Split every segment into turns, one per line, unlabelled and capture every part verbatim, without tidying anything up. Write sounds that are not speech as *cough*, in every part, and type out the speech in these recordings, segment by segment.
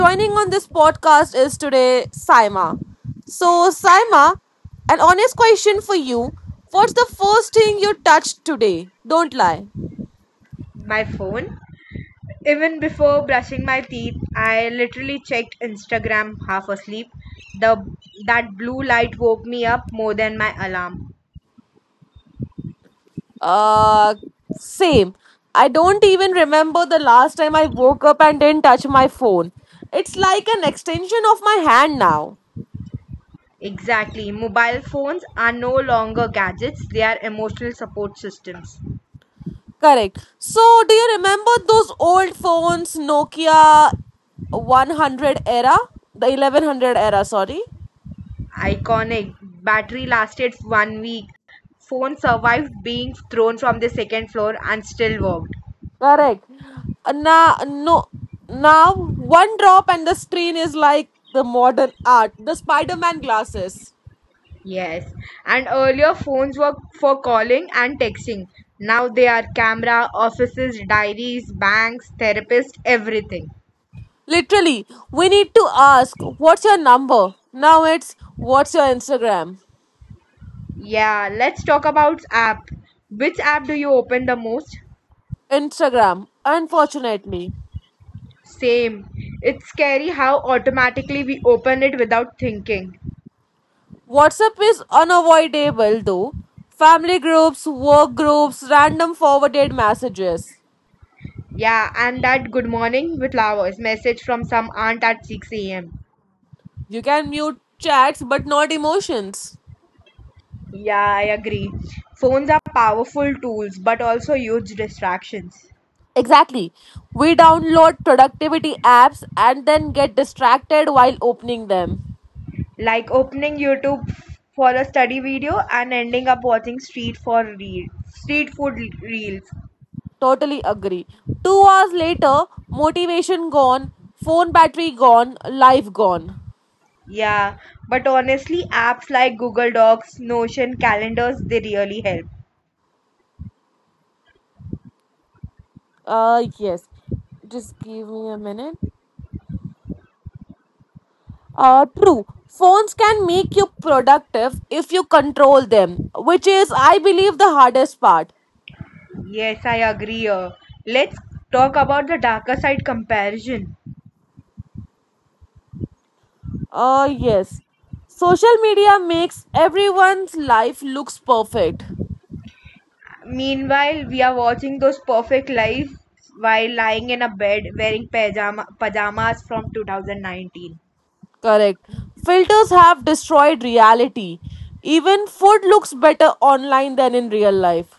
joining on this podcast is today Saima. So, Saima, an honest question for you: what's the first thing you touched today? Don't lie.
My phone. Even before brushing my teeth, I literally checked Instagram half asleep. The that blue light woke me up more than my alarm.
Uh, Same. I don't even remember the last time I woke up and didn't touch my phone. It's like an extension of my hand now.
Exactly. Mobile phones are no longer gadgets, they are emotional support systems.
Correct. So, do you remember those old phones, Nokia one hundred era? The eleven hundred era, sorry.
Iconic. Battery lasted one week. Phone survived being thrown from the second floor and still worked.
Correct. Uh, Now, no, now one drop and the screen is like the modern art, the Spider Man glasses.
Yes, and earlier phones were for calling and texting. Now they are camera, offices, diaries, banks, therapists, everything.
Literally, we need to ask, what's your number? Now it's, what's your Instagram?
Yeah, let's talk about app. Which app do you open the most?
Instagram, unfortunately.
Same. It's scary how automatically we open it without thinking.
WhatsApp is unavoidable though. Family groups, work groups, random forwarded messages.
Yeah, and that good morning with flowers message from some aunt at six a m.
You can mute chats but not emotions.
Yeah, I agree. Phones are powerful tools but also huge distractions.
Exactly. We download productivity apps and then get distracted while opening them.
Like opening YouTube for a study video and ending up watching street for reels, street food reels.
Totally agree. Two hours later, motivation gone, phone battery gone, life gone.
Yeah, but honestly, apps like Google Docs, Notion, calendars, they really help.
Uh, yes. Just give me a minute. Uh, true. Phones can make you productive if you control them, which is, I believe, the hardest part.
Yes, I agree. uh, Let's talk about the darker side comparison.
Uh, yes. Social media makes everyone's life looks perfect.
Meanwhile, we are watching those perfect lives while lying in a bed wearing pajama, pajamas from two thousand nineteen.
Correct. Filters have destroyed reality. Even food looks better online than in real life.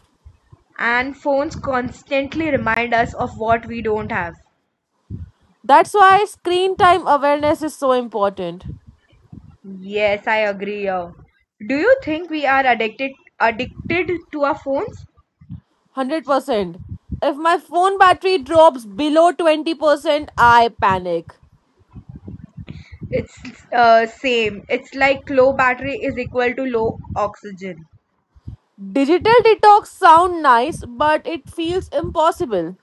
And phones constantly remind us of what we don't have.
That's why screen time awareness is so important.
Yes, I agree. uh, Do you think we are addicted addicted to our phones?
one hundred percent. If my phone battery drops below twenty percent, I panic.
It's uh, same. It's like low battery is equal to low oxygen.
Digital detox sound nice, but it feels impossible.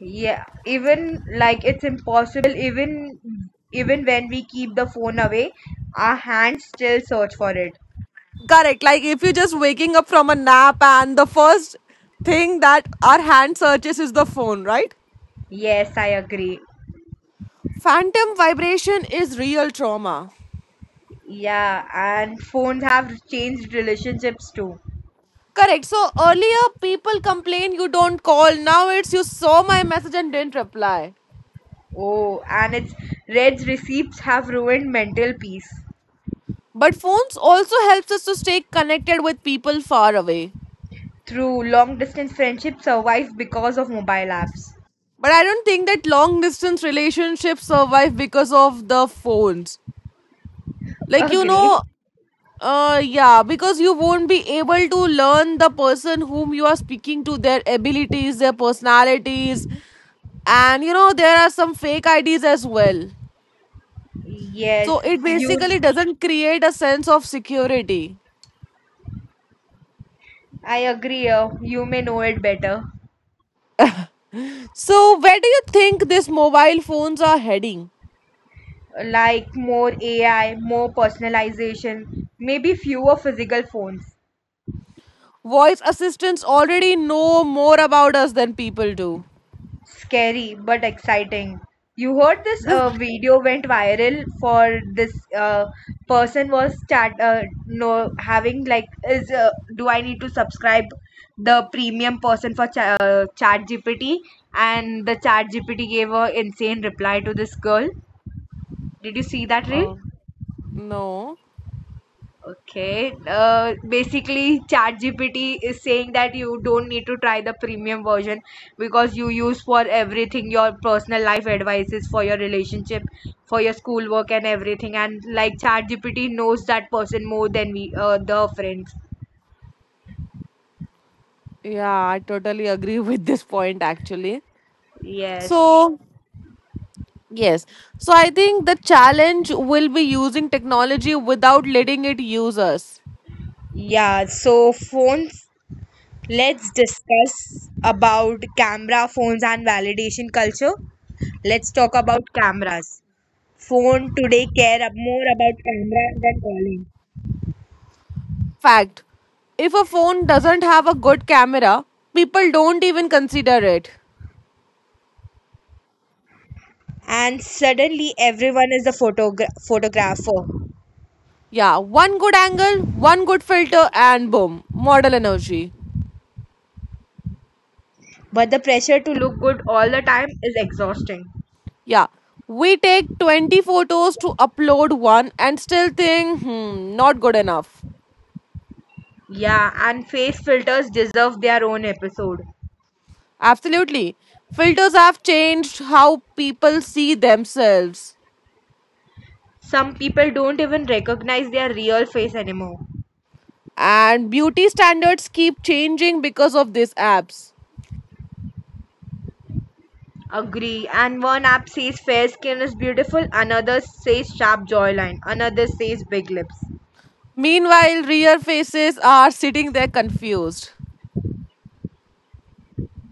Yeah, even like it's impossible even even when we keep the phone away, our hands still search for it.
Correct. Like if you're just waking up from a nap and the first thing that our hand searches is the phone, right?
Yes, I agree.
Phantom vibration is real trauma.
Yeah, and phones have changed relationships too.
Correct. So earlier people complain you don't call. Now it's you saw my message and didn't reply.
Oh, and its Red's receipts have ruined mental peace.
But phones also helps us to stay connected with people far away.
Through long distance friendships survive because of mobile apps.
But I don't think that long distance relationships survive because of the phones. Like you know
Agree?
Uh, yeah, because you won't be able to learn the person whom you are speaking to, their abilities, their personalities, and you know, there are some fake I Ds as well.
Yes,
So it
you.
basically doesn't create a sense of security.
I agree. Uh, you may know it better.
So, where do you think these mobile phones are heading?
Like more A I, more personalization, maybe fewer physical phones.
Voice assistants already know more about us than people do.
Scary but exciting. You heard this
This,
uh, video went viral for this uh, person was start uh, no having like is uh, do I need to subscribe the premium person for Cha- uh, ChatGPT, and the ChatGPT gave a insane reply to this girl. Did you see that reel?
uh, no,
Okay. Uh, basically, ChatGPT is saying that you don't need to try the premium version because you use for everything your personal life advices, for your relationship, for your schoolwork, and everything. And like ChatGPT knows that person more than we, uh, the friends.
Yeah, I totally agree *laughs* with this point actually.
Yes.
So, yes. So I think the challenge will be using technology without letting it use us.
Yeah, so phones, let's discuss about camera phones and validation culture. Let's talk about cameras. Phone today care ab- more about camera than calling.
Fact. If a phone doesn't have a good camera, people don't even consider it.
And suddenly everyone is a photogra- photographer.
Yeah, one good angle, one good filter, and boom, model energy.
But the pressure to look good all the time is exhausting.
Yeah, we take twenty photos to upload one and still think, hmm, not good enough.
Yeah, and face filters deserve their own episode.
Absolutely. Filters have changed how people see themselves.
Some people don't even recognize their real face anymore.
And beauty standards keep changing because of these apps.
Agree. And one app says fair skin is beautiful, another says sharp jawline, another says big lips.
Meanwhile, real faces are sitting there confused.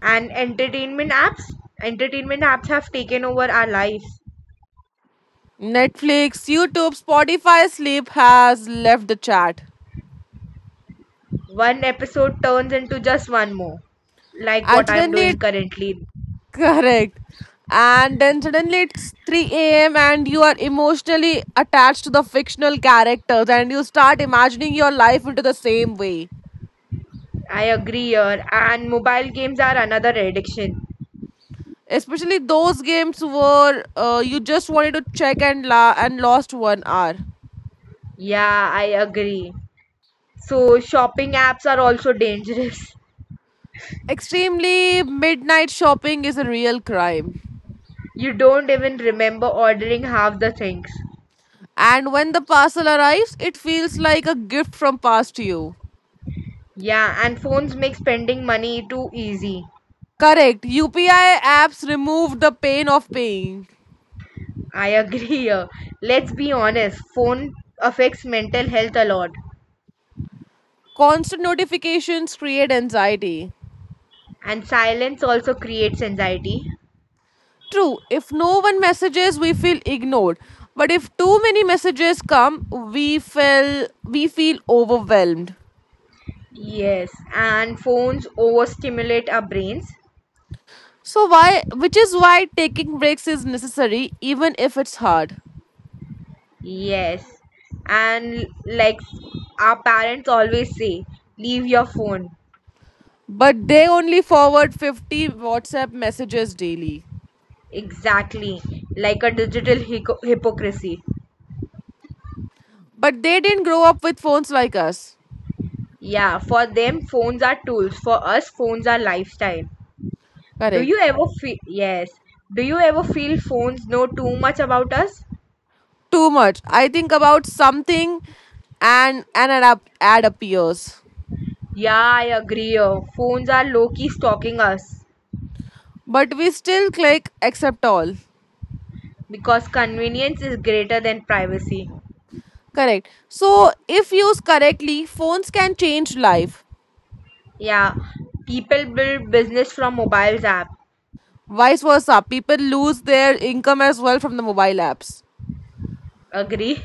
And entertainment apps? Entertainment apps have taken over our lives.
Netflix, YouTube, Spotify, sleep has left the chat.
One episode turns into just one more, like
And
what I'm
suddenly,
doing
it,
currently.
*laughs* Correct. And then suddenly it's three a m and you are emotionally attached to the fictional characters and you start imagining your life into the same way.
I agree here, and mobile games are another addiction.
Especially those games where uh, you just wanted to check and la- and lost one hour.
Yeah, I agree. So, shopping apps are also dangerous. *laughs*
Extremely midnight shopping is a real crime.
You don't even remember ordering half the things.
And when the parcel arrives, it feels like a gift from past you.
Yeah, and phones make spending money too easy.
Correct. U P I apps remove the pain of paying.
I agree here. Let's be honest, phone affects mental health a lot,
Constant notifications create anxiety.
and silence also creates anxiety.
True, if no one messages, we feel ignored. But if too many messages come, we feel we feel overwhelmed.
Yes, and phones overstimulate our brains.
So why which is why taking breaks is necessary even if it's hard.
Yes, and like our parents always say, leave your phone.
But they only forward fifty WhatsApp messages daily.
Exactly, like a digital hyco- hypocrisy.
But they didn't grow up with phones like us.
Yeah, for them, phones are tools. For us, phones are lifestyle. Do
Correct.
you ever feel, yes, do you ever feel phones know too much about us?
Too much. I think about something and an ad, ad appears.
Yeah, I agree. Oh. Phones are low key stalking us
But we still click accept all.
because convenience is greater than privacy.
Correct. So, if used correctly, phones can change life.
Yeah, people build business from mobiles app.
Vice versa, people lose their income as well from the mobile apps.
Agree?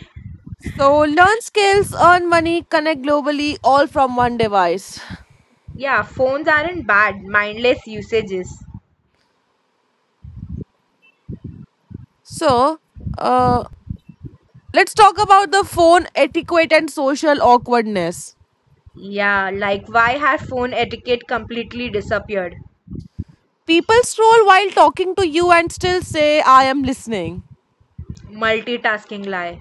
So, learn skills, earn money, connect globally, all from one device.
Yeah, phones aren't bad, mindless usages.
So, uh, let's talk about the phone etiquette and social awkwardness.
Yeah, like why has phone etiquette completely disappeared?
People stroll while talking to you and still say, I am listening.
Multitasking lie.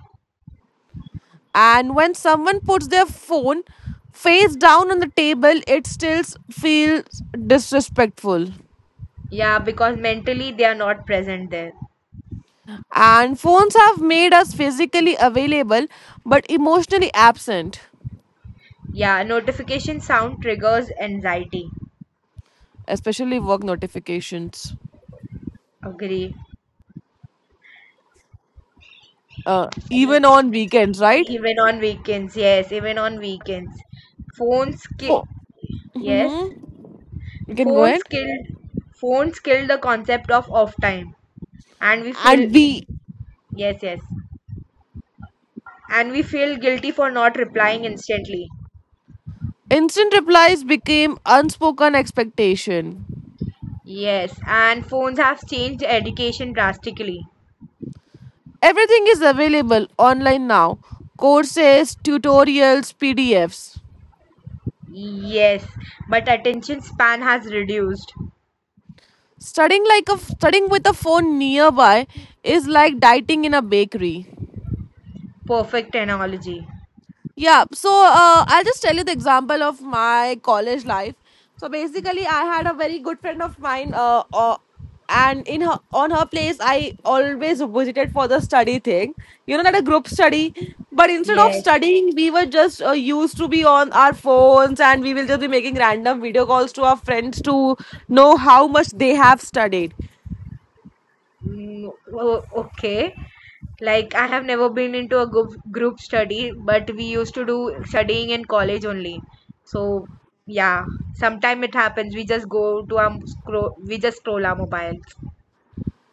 And when someone puts their phone face down on the table, it still feels disrespectful.
Yeah, because mentally they are not present there.
And phones have made us physically available but emotionally absent,
Yeah, notification sound triggers anxiety.
especially work notifications,
Agree.
uh, even on weekends, right?
Even on weekends, yes, even on weekends. Phones ki-
Fo-
yes.
Mhm. You can go
Phones
ahead.
killed phones killed the concept of off time. And we feel
And we
yes yes and we feel guilty for not replying instantly.
Instant replies became unspoken expectation.
Yes, and phones have changed education drastically.
Everything is available online now. Courses, tutorials, P D Fs.
Yes, but attention span has reduced.
Studying like a studying with a phone nearby is like dieting in a bakery.
Perfect analogy.
Yeah, so uh, I'll just tell you the example of my college life. So basically, I had a very good friend of mine, uh, uh, and in her on her place, I always visited for the study thing. You know, not a group study, but instead of
Yes.
studying, we were just uh, used to be on our phones, and we will just be making random video calls to our friends to know how much they have studied.
Mm, o- okay, like I have never been into a group group study, but we used to do studying in college only, so yeah, sometime it happens we just go to our scroll we just scroll our mobiles.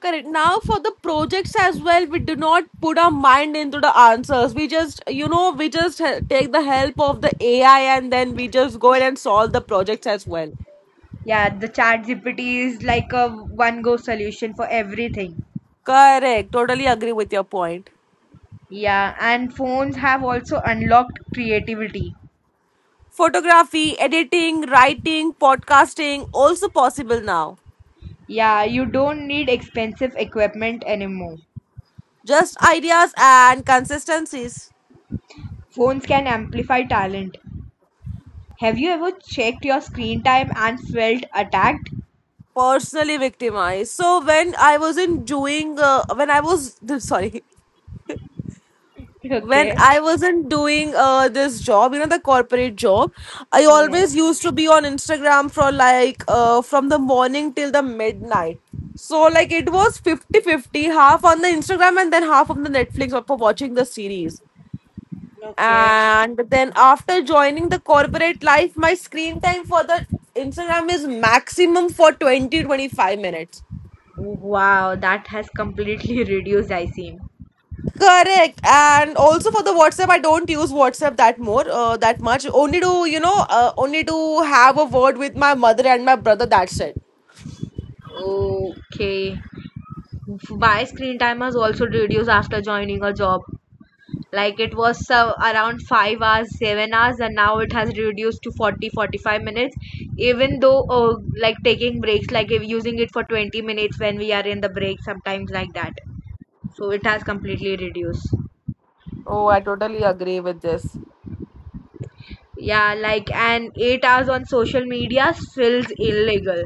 Correct. Now for the projects as well, we do not put our mind into the answers. We just, you know, we just he- take the help of the A I and then we just go in and solve the projects as well.
Yeah, the chat G P T is like a one go solution for everything.
Correct. Totally agree with your point.
Yeah, and phones have also unlocked creativity.
Photography, editing, writing, podcasting, also possible now.
Yeah, you don't need expensive equipment anymore.
Just ideas and consistencies.
Phones can amplify talent. Have you ever checked your screen time and felt attacked?
Personally victimized. So when I was in doing, uh, when I was *laughs* sorry,
*laughs*
when
Okay.
I wasn't doing uh, this job, you know, the corporate job, I
Yeah.
always used to be on Instagram for like uh, from the morning till the midnight. So like it was fifty fifty, half on the Instagram and then half on the Netflix for watching the series.
Okay.
And then after joining the corporate life, my screen time for the Instagram is maximum for twenty twenty five minutes.
Wow, that has completely *laughs* reduced I seem.
Correct. And also for the WhatsApp, I don't use WhatsApp that more, uh, that much. Only to, you know, uh, only to have a word with my mother and my brother. That's it.
Okay. Why screen time has also reduced after joining a job? Like it was so around five hours seven hours, and now it has reduced to forty, forty-five minutes, even though uh, like taking breaks like if using it for twenty minutes when we are in the break sometimes like that. So it has completely reduced.
Oh,
Yeah, like, and eight hours on social media feels illegal.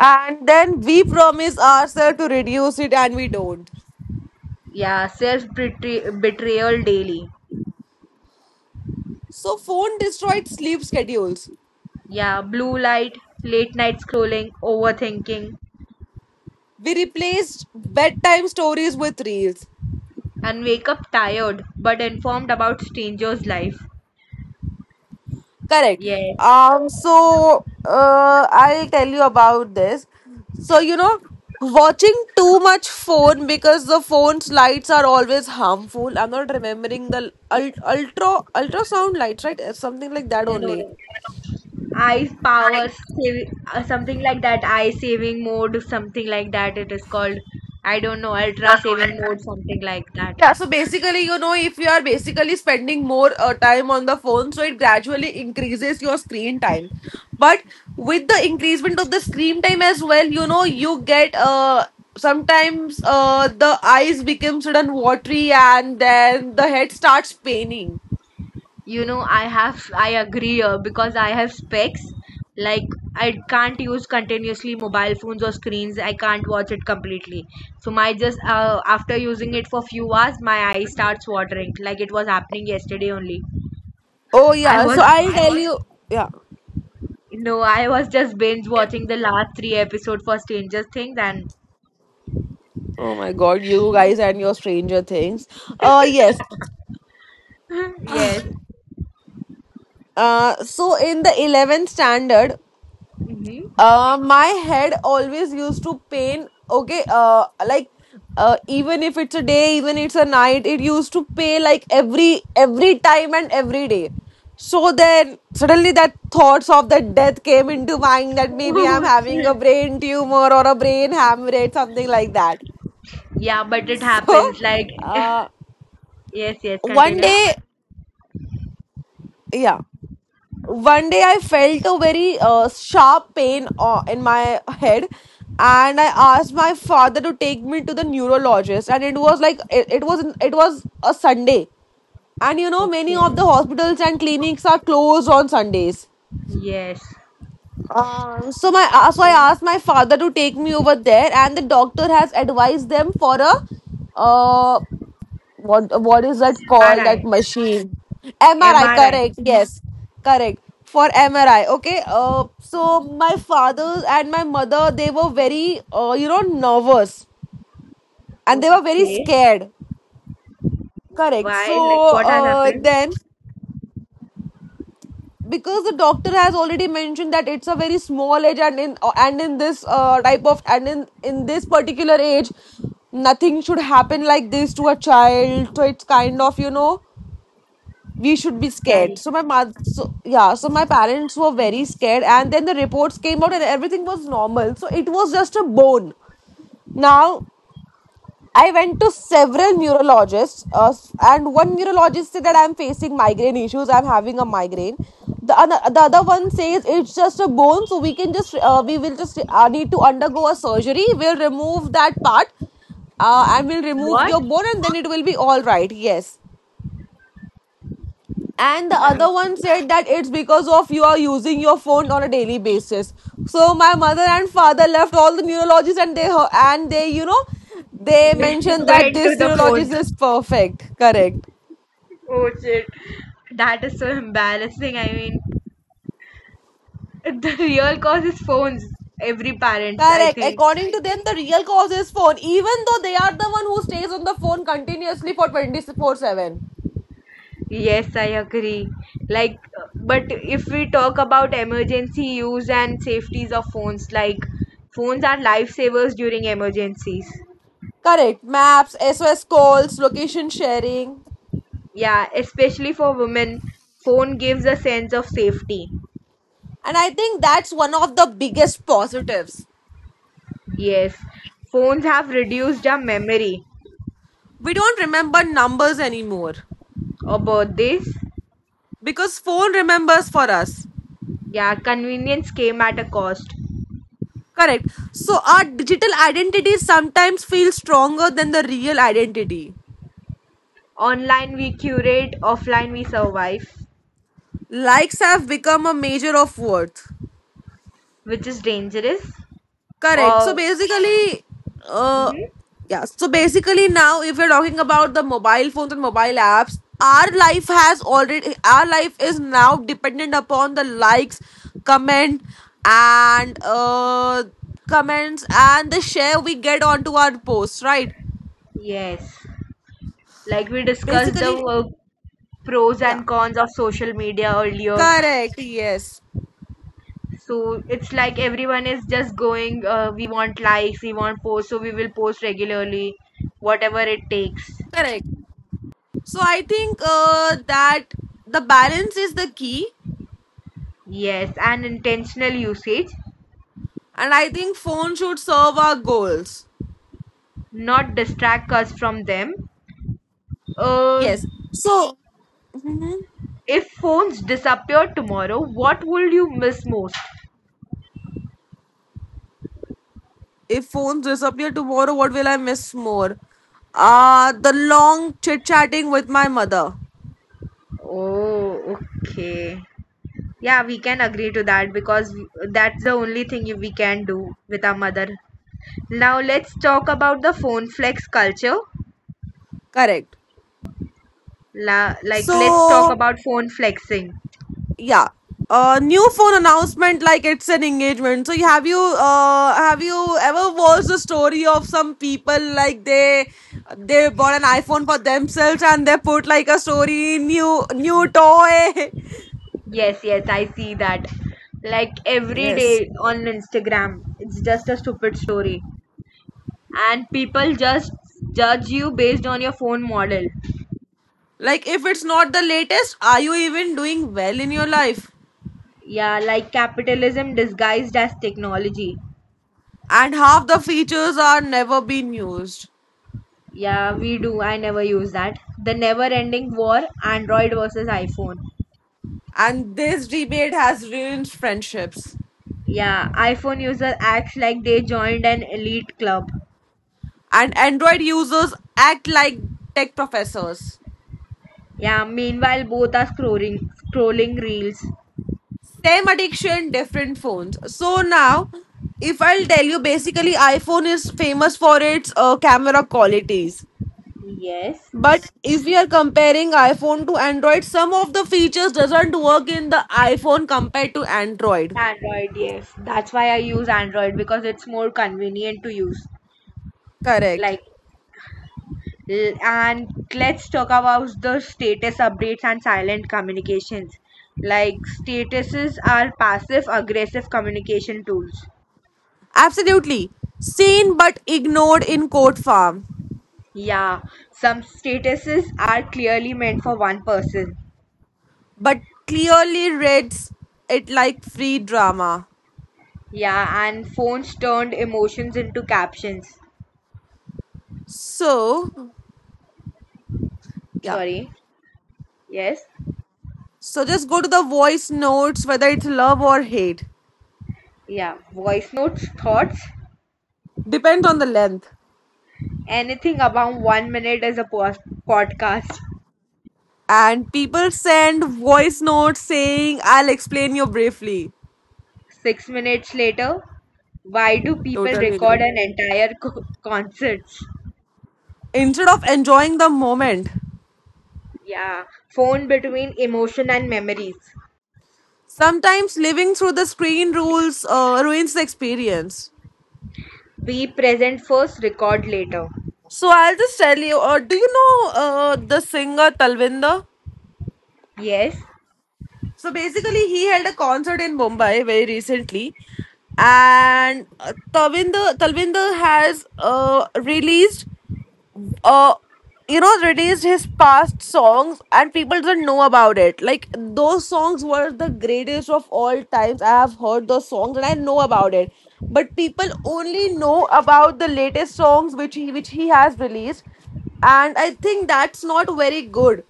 and then we promise ourselves to reduce it and we don't.
Yeah, self betrayal daily.
So phone destroyed sleep schedules.
Yeah, blue light late night scrolling overthinking
We replaced bedtime stories with reels.
and wake up tired but informed about stranger's life.
Correct.
Yes.
Um, so uh, I'll tell you about this. So, you know, watching too much phone because the phone's lights are always harmful. I'm not remembering the ul- ultra ultrasound lights, right? Something like that
No, no,
only.
no. Eye power saving, uh, something like that. Eye saving mode, something like that it is called. I don't know, ultra saving mode, something like that.
Yeah, so basically, you know, if you are basically spending more uh, time on the phone, so it gradually increases your screen time. But with the increasement of the screen time as well, you know, you get uh, sometimes uh, the eyes become sudden watery and then the head starts paining.
You know, I have, I agree uh, because I have specs. Like I can't use continuously mobile phones or screens. I can't watch it completely. So my just uh, after using it for few hours, my eye starts watering. Like it was happening yesterday only.
Oh
I
yeah, so
was
I'll tell you. Yeah.
no, I was just binge watching the last three episodes for Stranger Things and
Oh my God, you guys and your Stranger Things. Uh yes.
*laughs* yes.
Uh so in the eleventh standard.
Hmm. *laughs*
Uh, my head always used to pain. Okay, uh, like, uh, even if it's a day, even it's a night, it used to pay like every every time and every day. So then suddenly that thoughts of the death came into mind that maybe
Oh,
I'm having a
shit.
brain tumor or a brain hemorrhage, something like that. *laughs*
Yeah, but it
So
happens. Like, *laughs*
uh,
yes, yes,
one
continue.
day, yeah. One day I felt a very uh, sharp pain uh, in my head, and I asked my father to take me to the neurologist, and it was like it, it was it was a Sunday, and you know many of
Okay.
the hospitals and clinics are closed on Sundays.
Yes.
Um, so my uh, so I
So,
asked my father to take me over there, and the doctor has advised them for a, uh, what what is that called, that
M R I.
machine, MRI?
M R I.
Correct. Yes, correct. For MRI. Okay, uh, so my father and my mother, they were very uh, you know nervous, and they were very
Okay.
scared. Correct.
Why? Like,
So
what has
uh,
happened?
then, because the doctor has already mentioned that it's a very small age, and in uh, and in this uh, type of and in in this particular age nothing should happen like this to a child, so it's kind of you know we should be scared.
Carry.
So my mother, so, yeah, so my parents were very scared, and then the reports came out, and everything was normal. So it was just a bone. Now I went to several neurologists, uh, s- and one neurologist said that I'm facing migraine issues. I'm having a migraine. The other, the other one says it's just a bone, so we can just uh, we will just uh, need to undergo a surgery. We'll remove that part, uh, and we'll remove
What?
your bone, and then it will be all right. Yes. And the
Uh,
other one said that it's because of you are using your phone on a daily basis. So my mother and father left all the neurologists, and they and they you know
*laughs*
they mentioned that
went to
this
the
neurologist
phones.
is perfect. Correct.
Oh, shit. That is so embarrassing. I mean, *laughs* the real cause is phones. Every parents, I
Correct.
think.
According to them, the real cause is phone. Even though they are the one who stays on the phone continuously for twenty four seven.
Yes, I agree. Like, uh, but if we talk about emergency use and safeties of phones, like phones are lifesavers during emergencies.
Correct. Maps, S O S calls, location sharing.
Yeah, especially for women, phone gives a sense of safety.
And I think that's one of the biggest positives.
Yes, phones have reduced our memory
We don't remember numbers anymore
about this.
because phone remembers for us.
Yeah, convenience came at a cost.
Correct. So our digital identity sometimes feels stronger than the real identity.
Online we curate, offline we survive,
Likes have become a measure of worth.
which is dangerous.
Correct. So
Or,
basically, uh
mhm.
yeah, so basically now, if we're talking about the mobile phones and mobile apps, our life has already our life is now dependent upon the likes, comment and uh comments and the share we get onto our posts, right?
Yes, like we discussed the
Basically.
uh, pros
Yeah,
and cons of social media earlier.
correct. Yes,
So it's like everyone is just going, uh, we want likes, we want posts, so we will post regularly, whatever it takes.
correct. So I think uh, that the balance is the key,
Yes, and intentional usage,
and I think phone should serve our goals.
not distract us from them. Uh,
Yes. So. Mhm.
if phones disappeared tomorrow, what would you miss most?
If phones disappear tomorrow, what will I miss more? Uh the long chit chatting with my mother.
Oh, okay. Yeah, we can agree to that because that's the only thing we can do with our mother. Now let's talk about the phone flex culture.
Correct.
La- like let's talk
So
about phone flexing.
yeah, uh new phone announcement, like it's an engagement. So you- have you uh have you ever watched the story of some people, like they they bought an iPhone for themselves and they put like a story, new new toy
Yes, yes, I see that. Like
*laughs*
every
yes,
day on Instagram, it's just a stupid story and people just judge you based on your phone model.
like if it's not the latest, are you even doing well in your life?
Yeah, like capitalism disguised as technology.
And half the features are never been used,
Yeah, we do. I never use that. The never ending war Android versus iPhone.
and this debate has ruined friendships,
Yeah, iPhone user acts like they joined an elite club.
and Android users act like tech professors.
Yeah, meanwhile both are scrolling scrolling reels.
Same addiction, different phones. So now, if I'll tell you, basically, iPhone is famous for its uh, camera qualities.
Yes.
But if we are comparing iPhone to Android, some of the features doesn't work in the iPhone compared to Android.
Android, yes. That's why I use Android because it's more convenient to use. Like
Correct.
l- and let's talk about the status updates and silent communications. Like statuses are passive aggressive communication tools.
Absolutely. Seen but ignored in court farm,
Yeah, some statuses are clearly meant for one person.
but clearly reads it like free drama.
Yeah, and phones turned emotions into captions.
So, yeah.
Sorry. Yes.
So just go to the voice notes, whether it's love or hate.
Yeah, voice notes, thoughts,
Depends on the length.
anything above one minute is a pos- podcast.
And people send voice notes saying, I'll explain you briefly.
Six minutes later, why do people
Totally agree.
record an entire co- concerts?
Instead of enjoying the moment,
Yeah, phone between emotion and memories.
sometimes living through the screen rules uh, ruins the experience.
Be present first, record later.
So I'll just tell you. Uh, do you know uh, the singer Talvinder?
Yes.
So basically, he held a concert in Mumbai very recently, and uh, Talvinder Talvinder has uh, released uh you know released his past songs, and people didn't know about it, like those songs were the greatest of all times. I have heard those songs and I know about it, but people only know about the latest songs which he which he has released. And I think that's not very good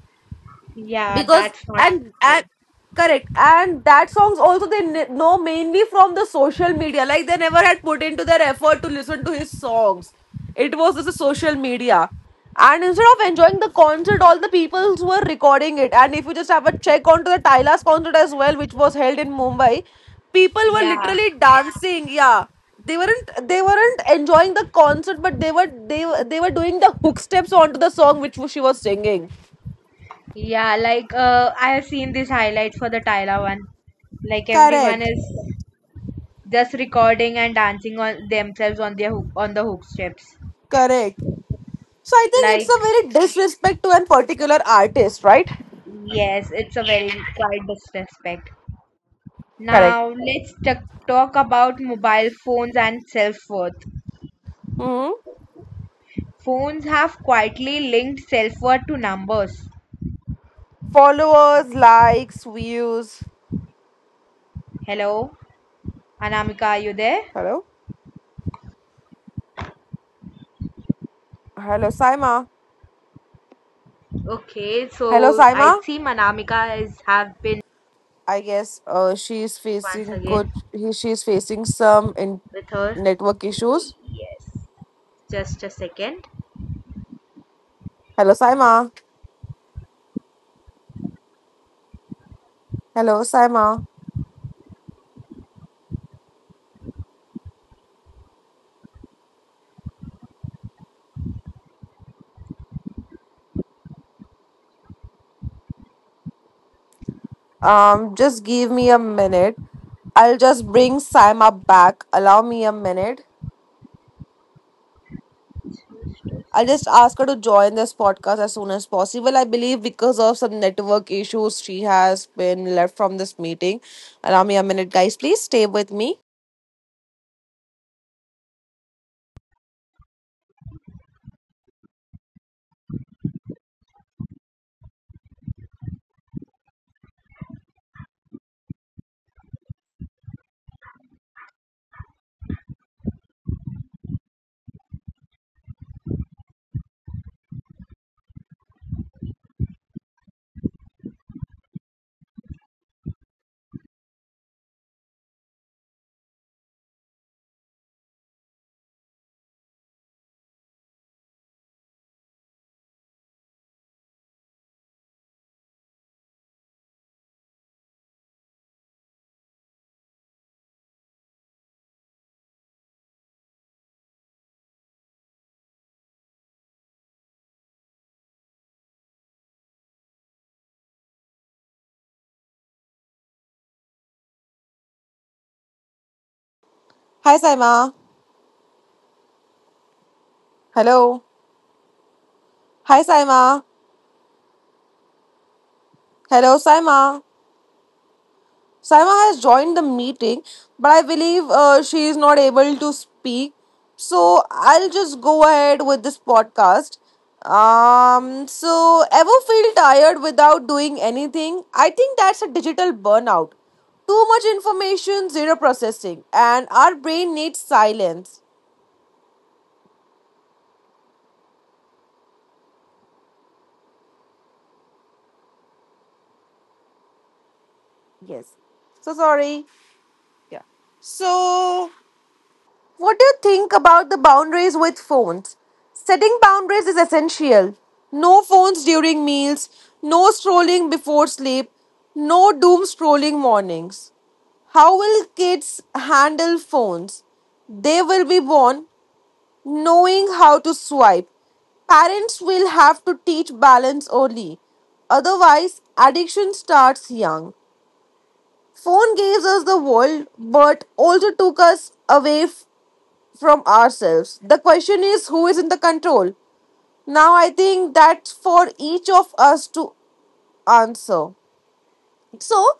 Yeah,
because,
that's not
and and
good.
correct, and that songs also they kn- know mainly from the social media, like they never had put into their effort to listen to his songs. It was just the social media. And instead of enjoying the concert, all the people were recording it. And if you just have a check onto the Tyla's concert as well, which was held in Mumbai, people were
Yeah,
literally dancing. Yeah, they weren't they weren't enjoying the concert, but they were they were they were doing the hook steps onto the song which she was singing.
yeah. Like uh, I have seen these highlights for the Tyla one. Like everyone
Correct.
is just recording and dancing on themselves on their hook, on the hook steps.
Correct. So I think it's
Like,
a very disrespect to a particular artist, right?
yes, it's a very quite disrespect.
Correct.
Now, let's t- talk about mobile phones and self worth.
Hmm.
Phones have quietly linked self worth to numbers.
Followers, likes, views.
Hello, Anamika, are you there?
Hello? Hello, Saima.
Okay,
Hello,
so I
Saima.
see Manamika is have been
I guess uh, she is
once
facing
again
good. He, she is facing some in
with her.
network issues.
Yes, just a second.
Hello, Saima. Hello, Saima. Um, just give me a minute. I'll just bring Saima back. Allow me a minute. I'll just ask her to join this podcast as soon as possible. I believe because of some network issues, she has been left from this meeting. Allow me a minute, guys. Please stay with me. Hi, Saima. Hello. Hi, Saima. Hello, Saima. Saima has joined the meeting, but I believe uh, she is not able to speak. So I'll just go ahead with this podcast. Um, so, ever feel tired without doing anything? I think that's a digital burnout. Too much information, zero processing, and our brain needs silence. Yes. So sorry. Yeah. So, what do you think about the boundaries with phones? Setting boundaries is essential. No phones during meals, no scrolling before sleep, no doom scrolling mornings. How will kids handle phones? They will be born knowing how to swipe. Parents will have to teach balance early. Otherwise, addiction starts young. Phone gave us the world, but also took us away from ourselves. The question is, who is in the control? Now, I think that's for each of us to answer. So,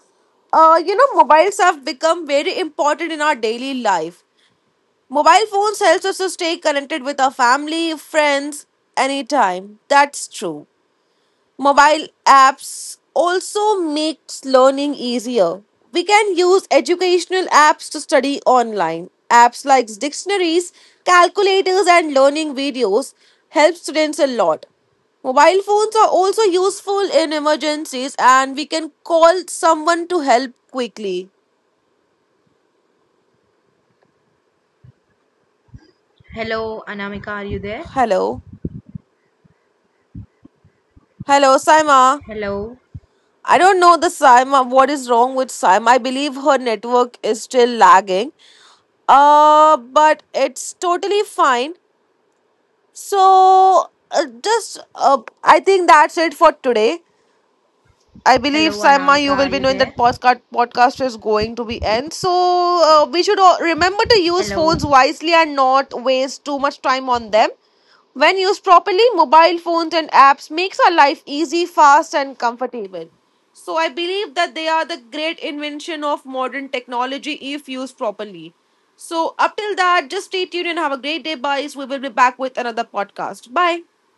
uh, you know, mobiles have become very important in our daily life. Mobile phones helps us to stay connected with our family, friends, anytime. That's true. Mobile apps also makes learning easier. We can use educational apps to study online. Apps like dictionaries, calculators and learning videos help students a lot. Mobile phones are also useful in emergencies, and we can call someone to help quickly.
Hello, Anamika, are you there?
Hello. Hello, Saima.
Hello,
I don't know the Saima. What is wrong with Saima? I believe her network is still lagging. Uh, but it's totally fine. So, uh, just uh, I think that's it for today. I believe,
hello,
Saima,
Anamika,
you will
are
be
you
knowing
there?
that podcast podcast is going to be end. So uh, we should all remember to use
Hello.
phones wisely and not waste too much time on them. When used properly, mobile phones and apps makes our life easy, fast, and comfortable. So I believe that they are the great invention of modern technology if used properly. So up till that, just stay tuned and have a great day, guys. We will be back with another podcast. Bye.